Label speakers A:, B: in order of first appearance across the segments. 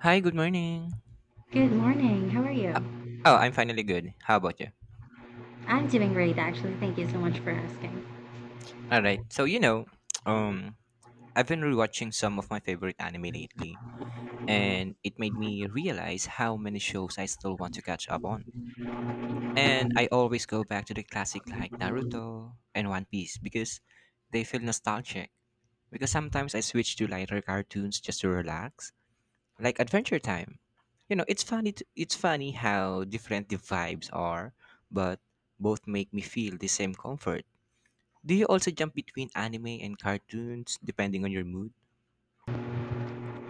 A: Hi, good morning.
B: Good morning. How are you?
A: Oh, I'm finally good. How about you?
B: I'm doing great, actually. Thank you so much for asking.
A: All right. So, you know, um I've been rewatching some of my favorite anime lately, and it made me realize how many shows I still want to catch up on. And I always go back to the classic like Naruto and One Piece because they feel nostalgic. Because sometimes I switch to lighter cartoons just to relax, like Adventure Time. It's funny how different the vibes are, but both make me feel the same comfort. Do you also jump between anime and cartoons depending on your mood?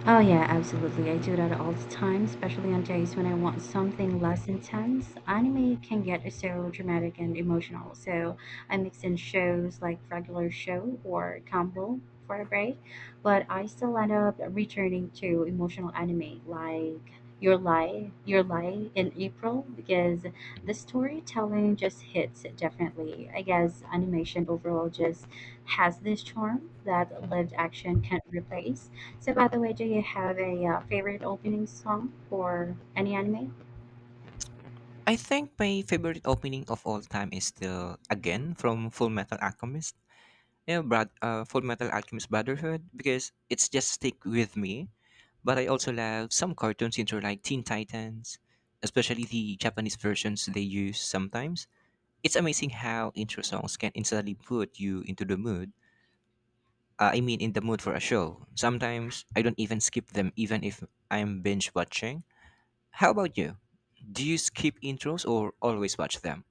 B: Oh yeah, absolutely. I do that all the time, especially on days when I want something less intense. Anime can get so dramatic and emotional, so I mix in shows like Regular Show or Combo for a break, but I still end up returning to emotional anime like Your Lie in April because the storytelling just hits differently. I guess animation overall just has this charm that lived action can't replace. So, by the way, do you have a favorite opening song for any anime?
A: I think my favorite opening of all time is still again from Full Metal Alchemist. Yeah, Full Metal Alchemist Brotherhood because it's just stick with me. But I also love some cartoons into like Teen Titans, especially the Japanese versions they use sometimes. It's amazing how intro songs can instantly put you into the mood. In the mood for a show. Sometimes I don't even skip them, even if I'm binge watching. How about you? Do you skip intros or always watch them?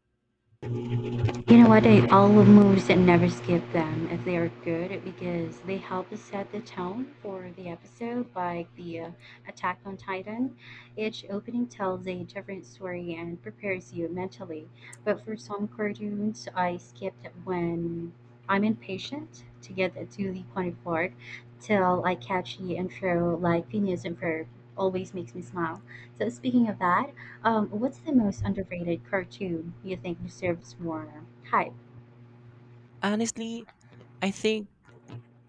B: You know what? I always moves and never skip them if they are good because they help to set the tone for the episode, like the Attack on Titan. Each opening tells a different story and prepares you mentally. But for some cartoons, I skipped when I'm impatient to get to the funny part till I catch the intro, like Phineas and Ferb always makes me smile. So speaking of that, what's the most underrated cartoon you think deserves more hype?
A: Honestly, I think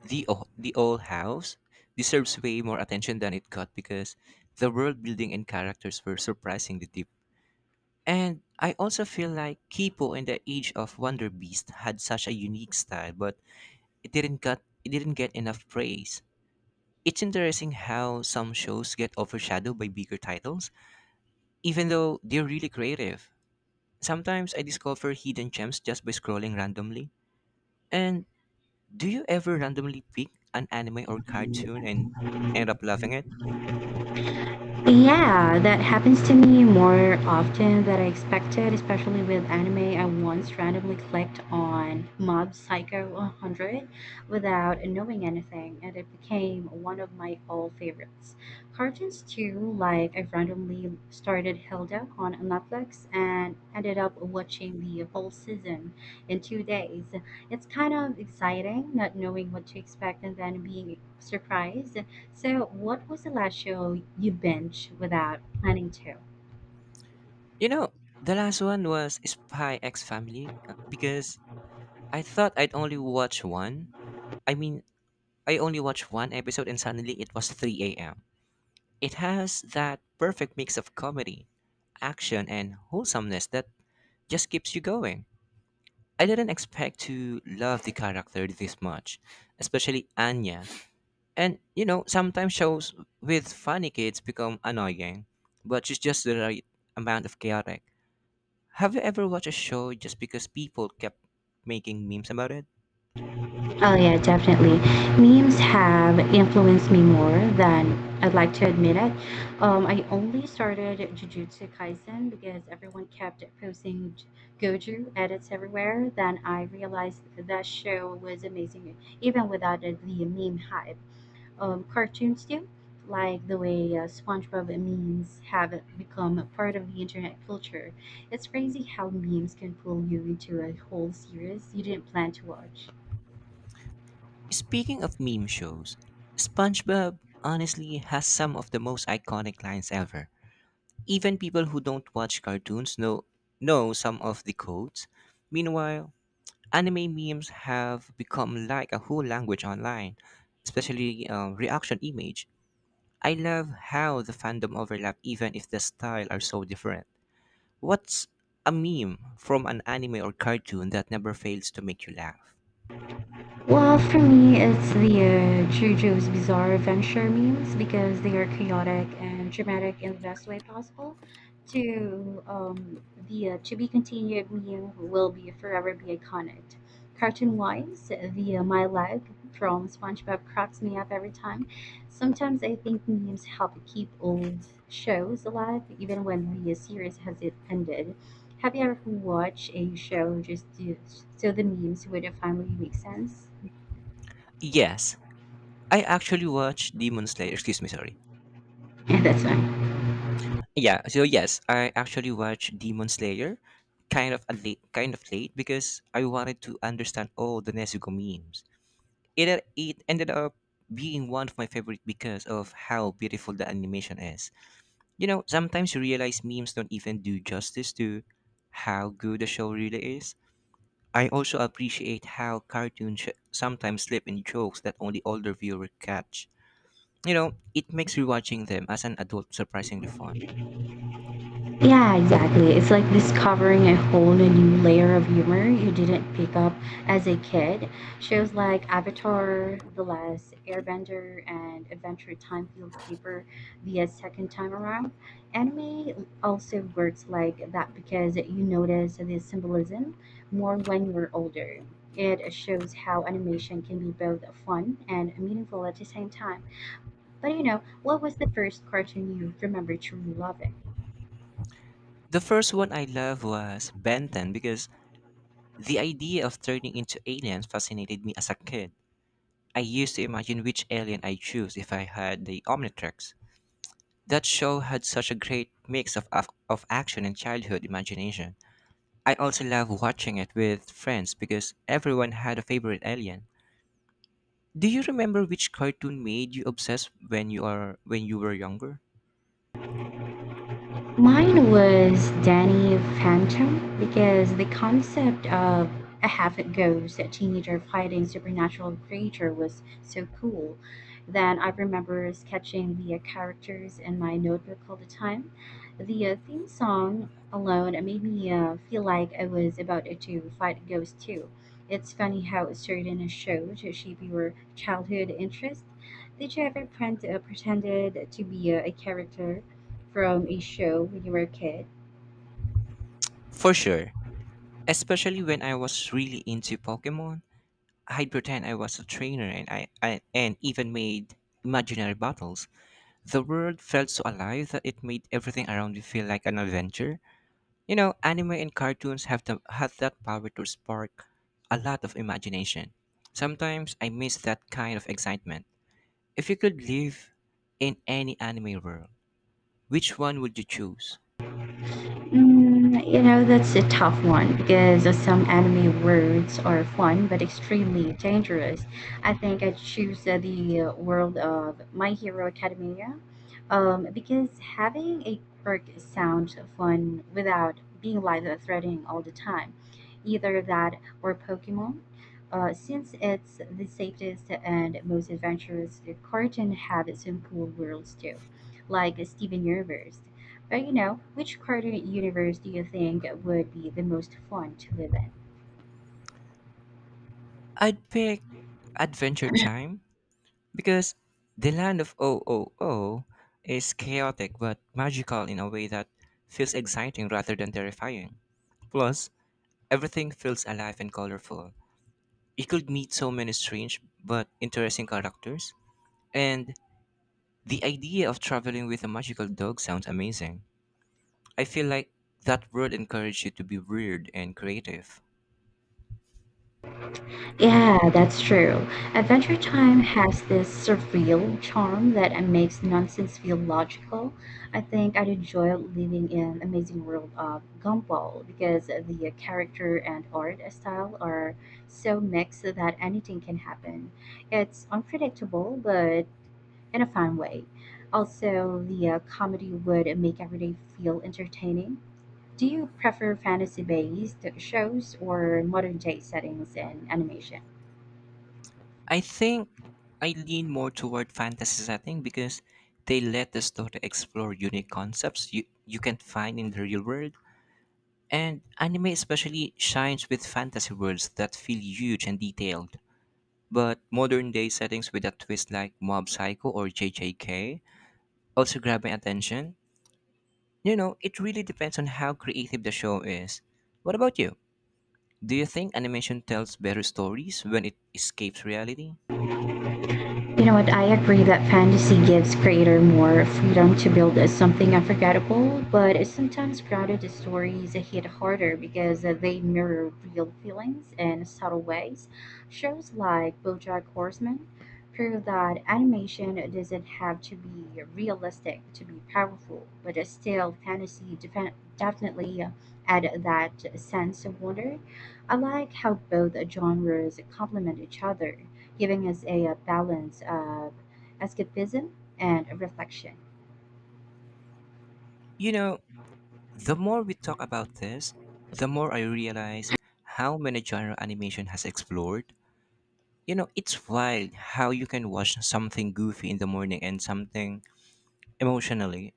A: the old house deserves way more attention than it got because the world building and characters were surprisingly deep. And I also feel like Kipo and the Age of Wonder Beast had such a unique style, but it didn't get enough praise. It's interesting how some shows get overshadowed by bigger titles, even though they're really creative. Sometimes I discover hidden gems just by scrolling randomly. And do you ever randomly pick an anime or cartoon and end up loving it?
B: Yeah, that happens to me more often than I expected, especially with anime. I once randomly clicked on Mob Psycho 100 without knowing anything, and it became one of my all favorites. Cartoons, too, like I randomly started Hilda on Netflix and ended up watching the whole season in 2 days. It's kind of exciting not knowing what to expect and then being surprised. So, what was the last show you binged without planning to?
A: You know, the last one was Spy X Family because I thought I'd only watch one. I mean, I only watched one episode and suddenly it was 3 a.m. It has that perfect mix of comedy, action, and wholesomeness that just keeps you going. I didn't expect to love the character this much, especially Anya. And you know, sometimes shows with funny kids become annoying, but it's just the right amount of chaotic. Have you ever watched a show just because people kept making memes about it?
B: Oh, yeah, definitely. Memes have influenced me more than I'd like to admit it. I only started Jujutsu Kaisen because everyone kept posting Goju edits everywhere. Then I realized that show was amazing, even without the meme hype. Cartoons do, like the way SpongeBob memes have become a part of the internet culture. It's crazy how memes can pull you into a whole series you didn't plan to watch.
A: Speaking of meme shows, SpongeBob honestly has some of the most iconic lines ever. Even people who don't watch cartoons know some of the codes. Meanwhile, anime memes have become like a whole language online, especially reaction image. I love how the fandom overlap even if the style are so different. What's a meme from an anime or cartoon that never fails to make you laugh?
B: Well, for me, it's the JoJo's Bizarre Adventure memes because they are chaotic and dramatic in the best way possible. To um, to be continued meme will be forever be iconic. Cartoon wise, the my leg from SpongeBob cracks me up every time. Sometimes I think memes help keep old shows alive, even when the series has it ended. Have you ever watched a show just to, so the memes would finally make sense?
A: Yes, I actually watched Demon Slayer. Excuse me, sorry.
B: Yeah, that's fine.
A: Yeah, so yes, I actually watched Demon Slayer kind of late because I wanted to understand all the Nezuko memes. It it ended up being one of my favorite because of how beautiful the animation is. You know, sometimes you realize memes don't even do justice to how good the show really is. I also appreciate how sometimes slip in jokes that only older viewers catch. You know, it makes rewatching them as an adult surprisingly fun.
B: Yeah, exactly. It's like discovering a whole new layer of humor you didn't pick up as a kid. Shows like Avatar, The Last Airbender, and Adventure Time feels deeper the second time around. Anime also works like that because you notice the symbolism more when you're older. It shows how animation can be both fun and meaningful at the same time. But you know, what was the first cartoon you remember truly loving?
A: The first one I love was Ben 10 because the idea of turning into aliens fascinated me as a kid. I used to imagine which alien I choose if I had the Omnitrix. That show had such a great mix of action and childhood imagination. I also love watching it with friends because everyone had a favorite alien. Do you remember which cartoon made you obsessed when you were younger?
B: Mine was Danny Phantom because the concept of a half ghost a teenager fighting supernatural creature was so cool that I remember sketching the characters in my notebook all the time. The theme song alone made me feel like I was about to fight a ghost too. It's funny how certain shows shape your childhood interest. Did you ever pretended to be a character from a show when you were a kid?
A: For sure. Especially when I was really into Pokemon, I'd pretend I was a trainer and I and even made imaginary battles. The world felt so alive that it made everything around you feel like an adventure. You know, anime and cartoons have that power to spark a lot of imagination. Sometimes I miss that kind of excitement. If you could live in any anime world, which one would you choose?
B: Mm, you know, that's a tough one because some anime words are fun but extremely dangerous. I think I choose the world of My Hero Academia because having a quirk sounds fun without being life-threatening all the time. Either that or Pokemon. Since it's the safest and most adventurous, cartoon have some cool worlds too, like Steven Universe or, you know, which cartoon universe do you think would be the most fun to live in?
A: I'd pick Adventure Time because the land of OOO is chaotic but magical in a way that feels exciting rather than terrifying. Plus, everything feels alive and colorful. You could meet so many strange but interesting characters, and the idea of traveling with a magical dog sounds amazing. I feel like that world encourages you to be weird and creative.
B: Yeah, that's true. Adventure Time has this surreal charm that makes nonsense feel logical. I think I'd enjoy living in Amazing World of Gumball because the character and art style are so mixed that anything can happen. It's unpredictable, but in a fun way. Also, the comedy would make every day feel entertaining. Do you prefer fantasy-based shows or modern-day settings and animation?
A: I think I lean more toward fantasy setting because they let the story explore unique concepts you can't find in the real world. And anime especially shines with fantasy worlds that feel huge and detailed. But modern day settings with a twist like Mob Psycho or JJK also grab my attention. You know, it really depends on how creative the show is. What about you? Do you think animation tells better stories when it escapes reality?
B: You know what? I agree that fantasy gives creator more freedom to build something unforgettable, but sometimes grounded stories hit harder because they mirror real feelings in subtle ways. Shows like BoJack Horseman prove that animation doesn't have to be realistic to be powerful, but still, fantasy definitely add that sense of wonder. I like how both genres complement each other giving us a, balance of escapism and reflection.
A: You know, the more we talk about this, the more I realize how many genre animation has explored. You know, it's wild how you can watch something goofy in the morning and something emotionally,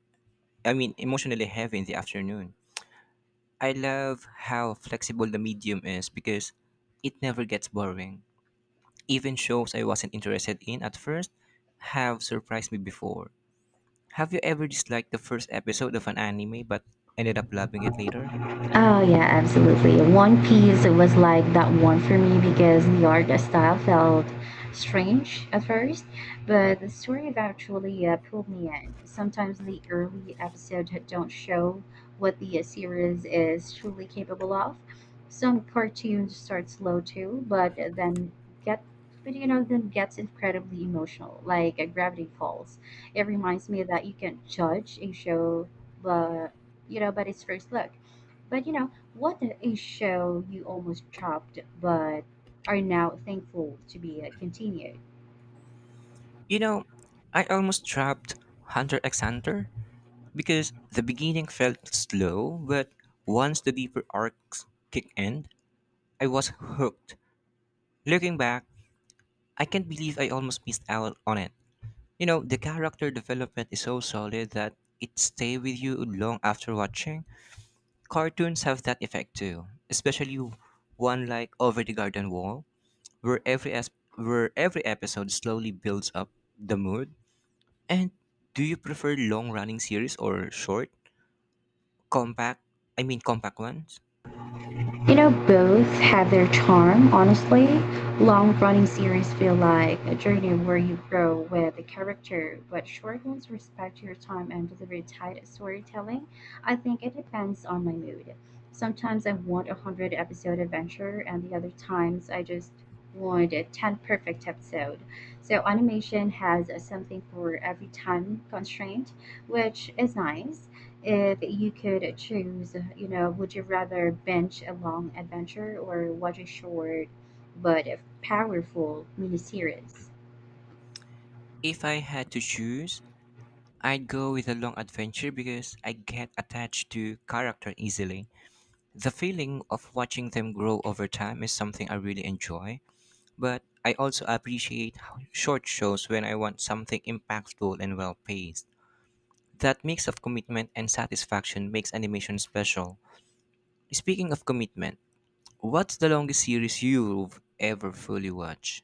A: emotionally heavy in the afternoon. I love how flexible the medium is because it never gets boring. Even shows I wasn't interested in at first have surprised me before. Have you ever disliked the first episode of an anime but ended up loving it later?
B: Oh yeah, absolutely. One Piece was like that one for me because the art style felt strange at first, but the story eventually pulled me in. Sometimes the early episodes don't show what the series is truly capable of. Some cartoons start slow too, but then get but you know then gets incredibly emotional, like Gravity Falls. It reminds me that you can not judge a show, but but its first look. But you know, what a show you almost dropped, but are now thankful to be continued.
A: You know, I almost dropped Hunter x Hunter because the beginning felt slow, but once the deeper arcs kicked in, I was hooked. Looking back, I can't believe I almost missed out on it. You know, the character development is so solid that it stays with you long after watching. Cartoons have that effect too, especially one like Over the Garden Wall, where where every episode slowly builds up the mood. And do you prefer long running series or short, compact, I mean compact ones?
B: You know, both have their charm, honestly. Long running series feel like a journey where you grow with the character, but short ones respect your time and deliver tight storytelling. I think it depends on my mood. Sometimes I want a 100 episode adventure, and the other times I just want a 10 perfect episode. So, animation has something for every time constraint, which is nice. If you could choose, you know, would you rather binge a long adventure or watch a short but powerful miniseries?
A: If I had to choose, I'd go with a long adventure because I get attached to character easily. The feeling of watching them grow over time is something I really enjoy, but I also appreciate how short shows when I want something impactful and well paced. That mix of commitment and satisfaction makes animation special. Speaking of commitment, what's the longest series you've ever fully watched?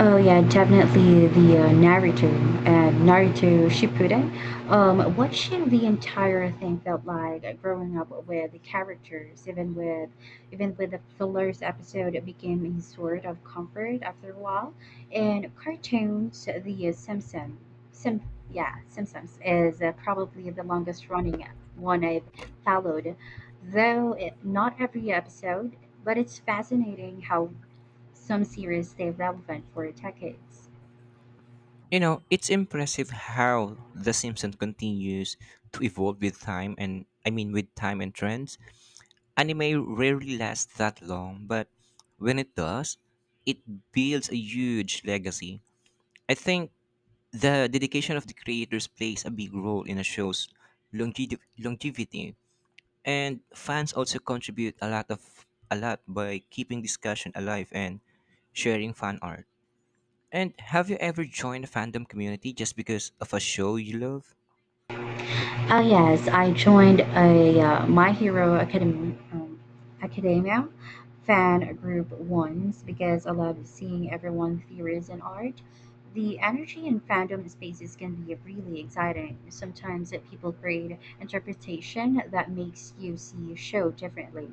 B: Oh yeah, definitely the Naruto Shippuden. Watching the entire thing felt like growing up with the characters, even with the fillers episode, it became a sort of comfort after a while. And cartoons, the Simpsons, Sim, yeah, Simpsons is probably the longest running one I've followed, though it, not every episode. But it's fascinating how some series stayed relevant for decades.
A: You know, it's impressive how The Simpsons continues to evolve with time and trends. Anime rarely lasts that long, but when it does, it builds a huge legacy. I think the dedication of the creators plays a big role in a show's longevity, and fans also contribute a lot by keeping discussion alive and sharing fan art. And have you ever joined a fandom community just because of a show you love?
B: Yes, I joined a My Hero Academia, Academia fan group once because I love seeing everyone's theories and art. The energy in fandom spaces can be really exciting. Sometimes that people create interpretation that makes you see a show differently.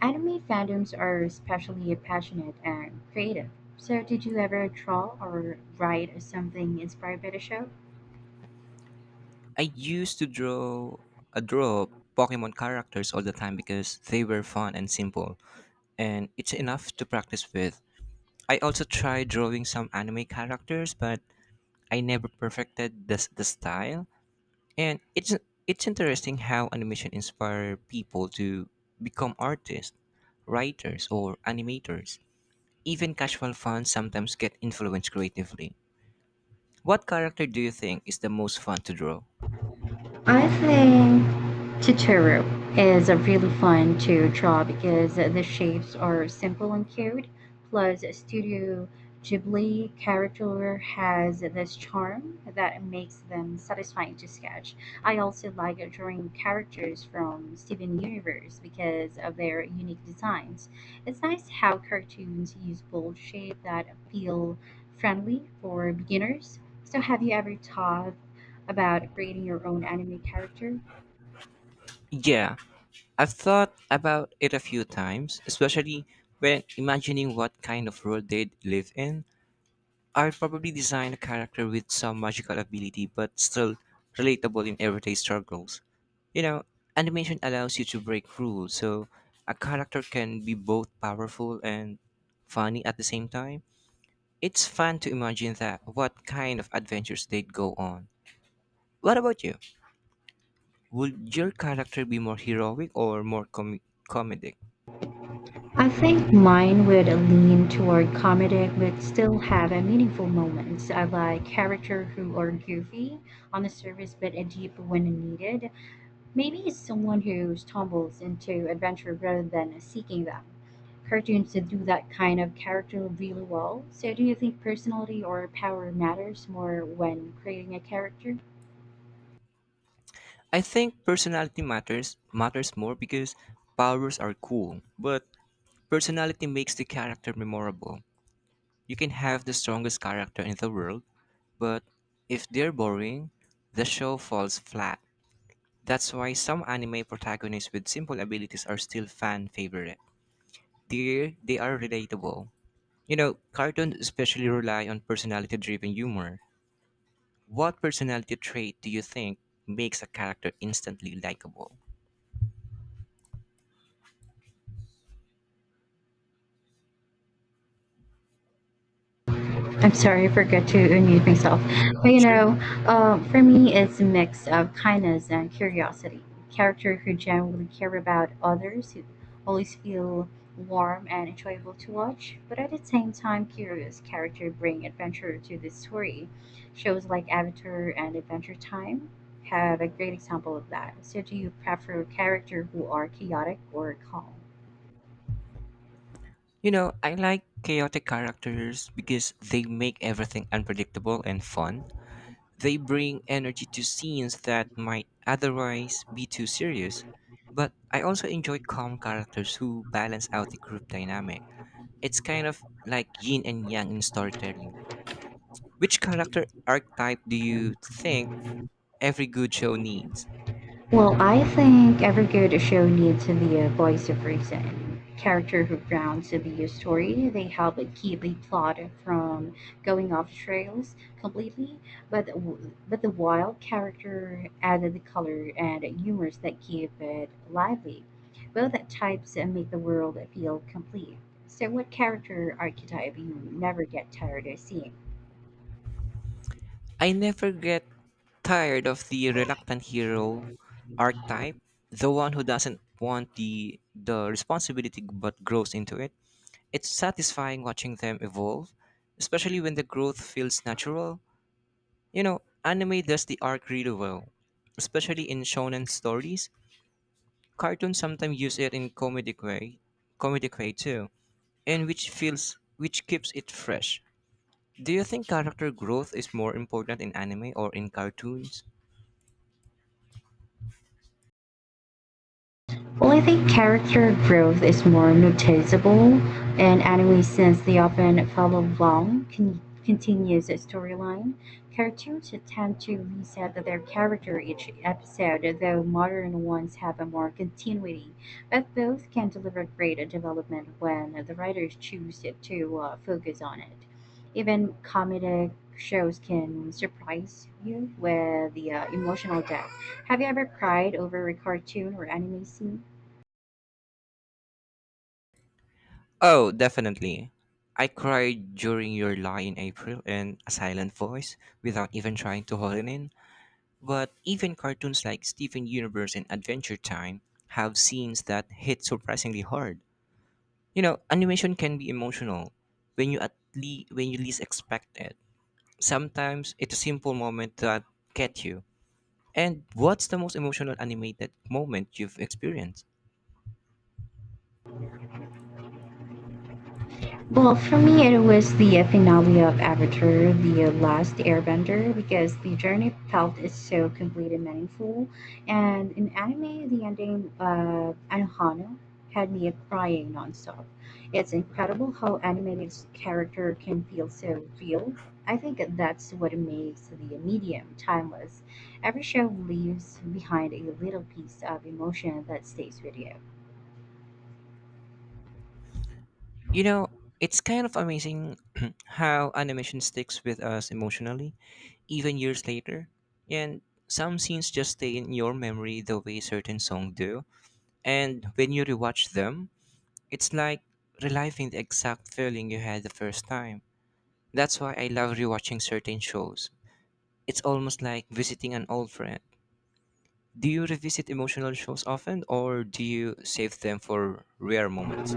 B: Anime fandoms are especially passionate and creative. So, did you ever draw or write something inspired by the show?
A: I used to draw Pokemon characters all the time because they were fun and simple, and it's enough to practice with. I also tried drawing some anime characters, but I never perfected the style. And it's interesting how animation inspire people to become artists, writers, or animators. Even casual fans sometimes get influenced creatively. What character do you think is the most fun to draw?
B: I think Totoro is really fun to draw because the shapes are simple and cute. Plus, Studio Ghibli character has this charm that makes them satisfying to sketch. I also like drawing characters from Steven Universe because of their unique designs. It's nice how cartoons use bold shapes that feel friendly for beginners. So, have you ever taught about creating your own anime character?
A: Yeah, I've thought about it a few times, especially when imagining what kind of world they'd live in. I'd probably design a character with some magical ability but still relatable in everyday struggles. You know, animation allows you to break rules, so a character can be both powerful and funny at the same time. It's fun to imagine that what kind of adventures they'd go on. What about you? Would your character be more heroic or more comedic?
B: I think mine would lean toward comedic, but still have a meaningful moments. I like character who are goofy on the surface, but a deep when needed. Maybe it's someone who stumbles into adventure rather than seeking them. Cartoons that do that kind of character really well. So, do you think personality or power matters more when creating a character?
A: I think personality matters matters more because powers are cool, but personality makes the character memorable. You can have the strongest character in the world, but if they're boring, the show falls flat. That's why some anime protagonists with simple abilities are still fan favorite. They are relatable. You know, cartoons especially rely on personality driven humor. What personality trait do you think makes a character instantly likable?
B: I'm sorry, I forgot to unmute myself. But you
A: Sure.
B: know, for me, it's a mix of kindness and curiosity. Character who genuinely care about others, who always feel warm and enjoyable to watch, but at the same time, curious character bring adventure to the story. Shows like Avatar and Adventure Time have a great example of that. So, do you prefer character who are chaotic or calm?
A: You know, I like chaotic characters because they make everything unpredictable and fun. They bring energy to scenes that might otherwise be too serious. But I also enjoy calm characters who balance out the group dynamic. It's kind of like yin and yang in storytelling. Which character archetype do you think every good show needs?
B: Well, I think every good show needs to be a voice of reason, character who grounds the story. They help keep the plot from going off trails completely, but the wild character added the color and humors that keep it lively. Both types make the world feel complete. So, what character archetype you never get tired of seeing?
A: I never get tired of the reluctant hero archetype, the one who doesn't want the responsibility but grows into it. It's satisfying watching them evolve, especially when the growth feels natural. You know, anime does the arc really well, especially in shonen stories. Cartoons sometimes use it in comedic way too, and which feels which keeps it fresh. Do you think character growth is more important in anime or in cartoons?
B: Well, I think character growth is more noticeable in anime since they often follow long, continuous storyline. Cartoons tend to reset their character each episode, though modern ones have a more continuity, but both can deliver great development when the writers choose to focus on it. Even comedic shows can surprise you with the emotional depth. Have you ever cried over a cartoon or anime scene?
A: Oh, definitely. I cried during your lie in April in a silent voice without even trying to hold it in. But even cartoons like Steven Universe and Adventure Time have scenes that hit surprisingly hard. You know, animation can be emotional when you least expect it. Sometimes it's a simple moment that get you. And what's the most emotional animated moment you've experienced?
B: Well, for me, it was the finale of Avatar, The Last Airbender, because the journey felt is so complete and meaningful. And in anime, the ending of Anohana had me crying nonstop. It's incredible how animated character can feel so real. I think that's what makes the medium timeless. Every show leaves behind a little piece of emotion that stays with you.
A: You know, it's kind of amazing how animation sticks with us emotionally even years later. And some scenes just stay in your memory the way certain songs do. And when you rewatch them, it's like reliving the exact feeling you had the first time. That's why I love rewatching certain shows. It's almost like visiting an old friend. Do you revisit emotional shows often, or do you save them for rare moments?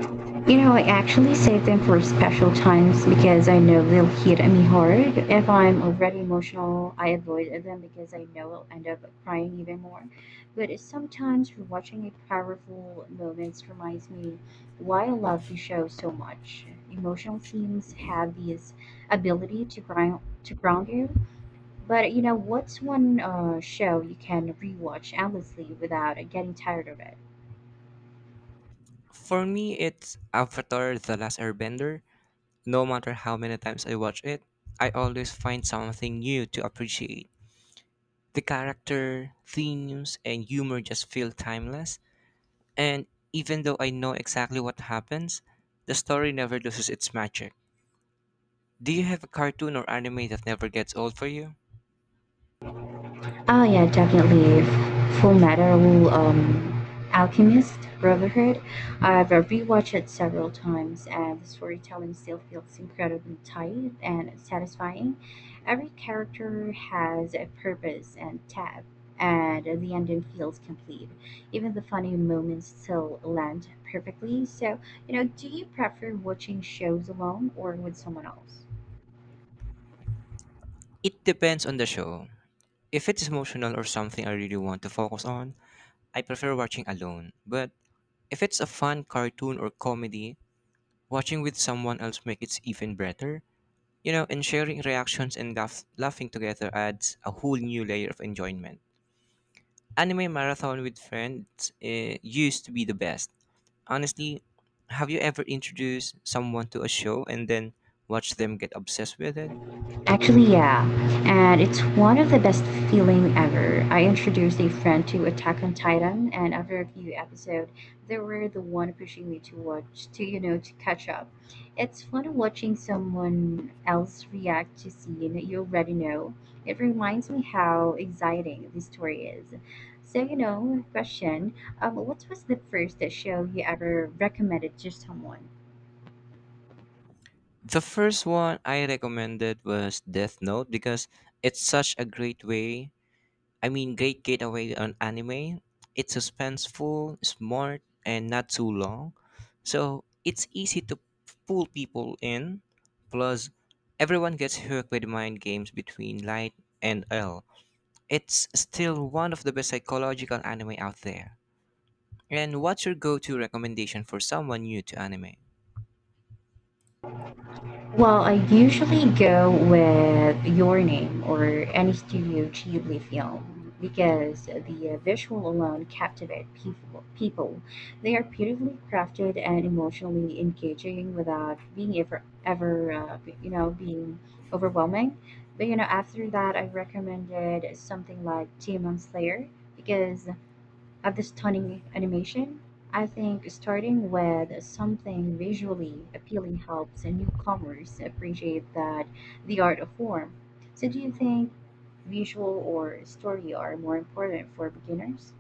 B: You know, I actually save them for special times because I know they'll hit me hard. If I'm already emotional, I avoid them because I know I'll end up crying even more. But sometimes rewatching a powerful moments reminds me why I love the show so much. Emotional scenes have this ability to ground you. But you know, what's one show you can rewatch endlessly without getting tired of it?
A: For me, it's Avatar The Last Airbender. No matter how many times I watch it, I always find something new to appreciate. The character, themes, and humor just feel timeless, and even though I know exactly what happens, the story never loses its magic. Do you have a cartoon or anime that never gets old for you?
B: Oh yeah, definitely. Full Metal Alchemist Brotherhood. I've rewatched it several times, and the storytelling still feels incredibly tight and satisfying. Every character has a purpose and tab, and the ending feels complete. Even the funny moments still land perfectly. So, you know, do you prefer watching shows alone or with someone else?
A: It depends on the show. If it's emotional or something I really want to focus on, I prefer watching alone. But if it's a fun cartoon or comedy, watching with someone else make it even better. You know, and sharing reactions and laughing together adds a whole new layer of enjoyment. Anime marathon with friends used to be the best. Honestly, have you ever introduced someone to a show and then watched them get obsessed with it?
B: Actually, yeah. And it's one of the best feeling ever. I introduced a friend to Attack on Titan and after a few episodes, they were the one pushing me to watch to you know to catch up. It's fun watching someone else react to scene you already know. It reminds me how exciting this story is. So you know, question, what was the first show you ever recommended to someone?
A: The first one I recommended was Death Note because it's such a great way great getaway on anime. It's suspenseful, smart, and not too long. So it's easy to pull people in. Plus, everyone gets hooked with mind games between Light and L. It's still one of the best psychological anime out there. And what's your go to recommendation for someone new to anime?
B: Well, I usually go with Your Name or any Studio Ghibli film because the visual alone captivate people. People, they are beautifully crafted and emotionally engaging without being overwhelming. But you know, after that, I recommended something like Demon Slayer because of the stunning animation. I think starting with something visually appealing helps newcomers appreciate that the art of form. So do you think visual or story are more important for beginners?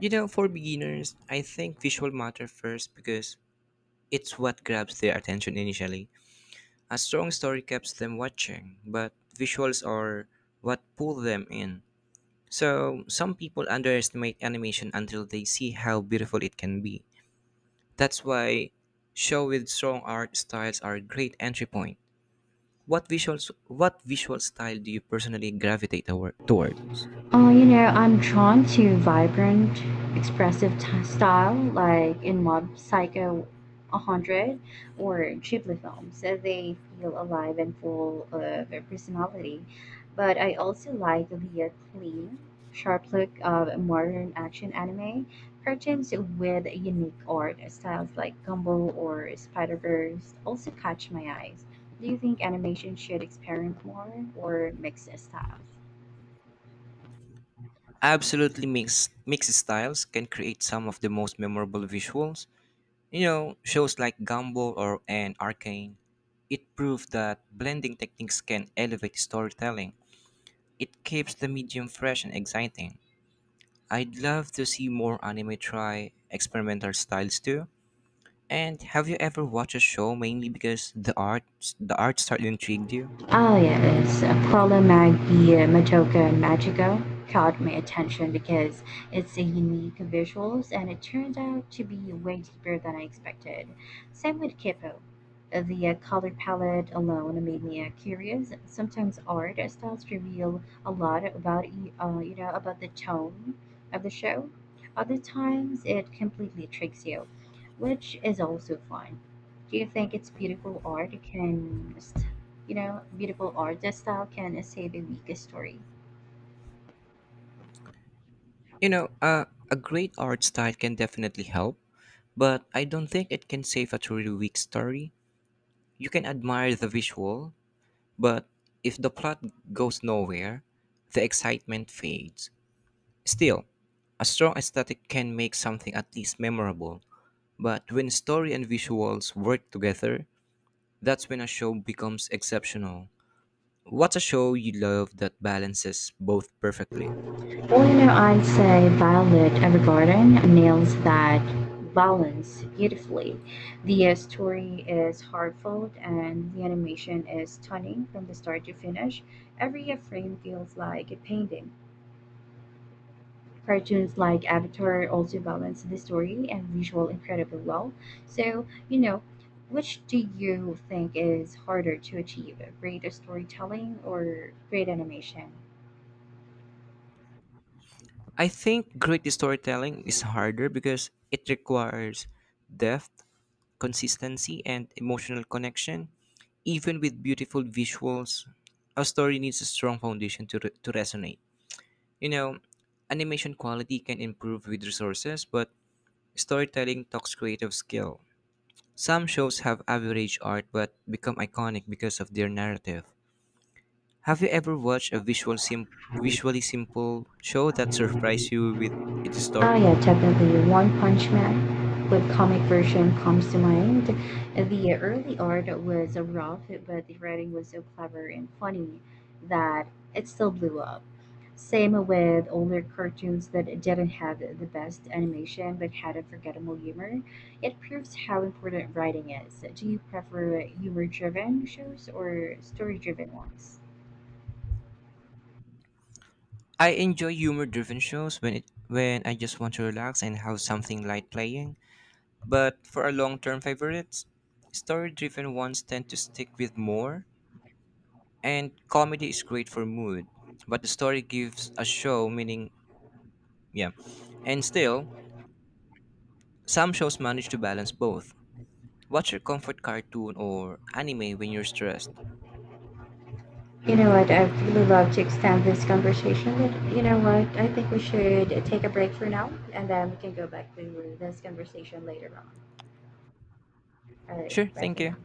A: You know, for beginners, I think visual matter first because it's what grabs their attention initially. A strong story keeps them watching, but visuals are what pull them in. So, some people underestimate animation until they see how beautiful it can be. That's why show with strong art styles are a great entry point. What visual style do you personally gravitate towards?
B: Oh, you know, I'm drawn to vibrant, expressive style, like in Mob Psycho 100 or Ghibli films. So they feel alive and full of personality. But I also like the clean, sharp look of modern action anime cartoons with unique art styles like Gumball or Spider Verse also catch my eyes. Do you think animation should experiment more or mix styles?
A: Absolutely, mixed styles can create some of the most memorable visuals. You know, shows like Gumball or and Arcane, it proved that blending techniques can elevate storytelling. It keeps the medium fresh and exciting. I'd love to see more anime try experimental styles too. And have you ever watched a show mainly because the art style intrigued you?
B: Oh yeah, it's Perla Magia Majoka Magico caught my attention because it's a unique visuals and it turned out to be way deeper than I expected. Same with Kippo. The color palette alone made me curious. Sometimes art styles reveal a lot about y- you know about the tone of the show. Other times it completely tricks you, which is also fun. Do you think it's beautiful art can you know, beautiful art. That style can say the weakest story.
A: You know, a great art style can definitely help, but I don't think it can save a truly weak story. You can admire the visual, but if the plot goes nowhere, the excitement fades. Still, a strong aesthetic can make something at least memorable. But when story and visuals work together, that's when a show becomes exceptional. What's a show you love that balances both perfectly?
B: Well, you know, I'd say Violet Evergarden nails that balance beautifully. The story is heartfelt and the animation is stunning from the start to finish. Every frame feels like a painting. Cartoons like Avatar also balance the story and visual incredibly well. So, you know, which do you think is harder to achieve, great storytelling or great animation?
A: I think great storytelling is harder because it requires depth, consistency, and emotional connection. Even with beautiful visuals, a story needs a strong foundation to resonate. You know, animation quality can improve with resources, but storytelling talks creative skill. Some shows have average art but become iconic because of their narrative. Have you ever watched a visually simple show that surprised you with its
B: Oh
A: story?
B: yeah, definitely. One Punch Man with comic version comes to mind. The early art was rough, but the writing was so clever and funny that it still blew up. Same with older cartoons that didn't have the best animation but had a forgettable humor. It proves how important writing is. Do you prefer humor driven shows or story driven ones?
A: I enjoy humor-driven shows when I just want to relax and have something light playing. But for our long-term favorites, story-driven ones tend to stick with more, and comedy is great for mood. But the story gives a show meaning, yeah. And still, some shows manage to balance both. What's your comfort cartoon or anime when you're stressed?
B: You know what? I'd really love to extend this conversation, but you know what? I think we should take a break for now, and then we can go back to this conversation later on. All
A: Sure,
B: right, bye
A: thank
B: for
A: you.
B: now.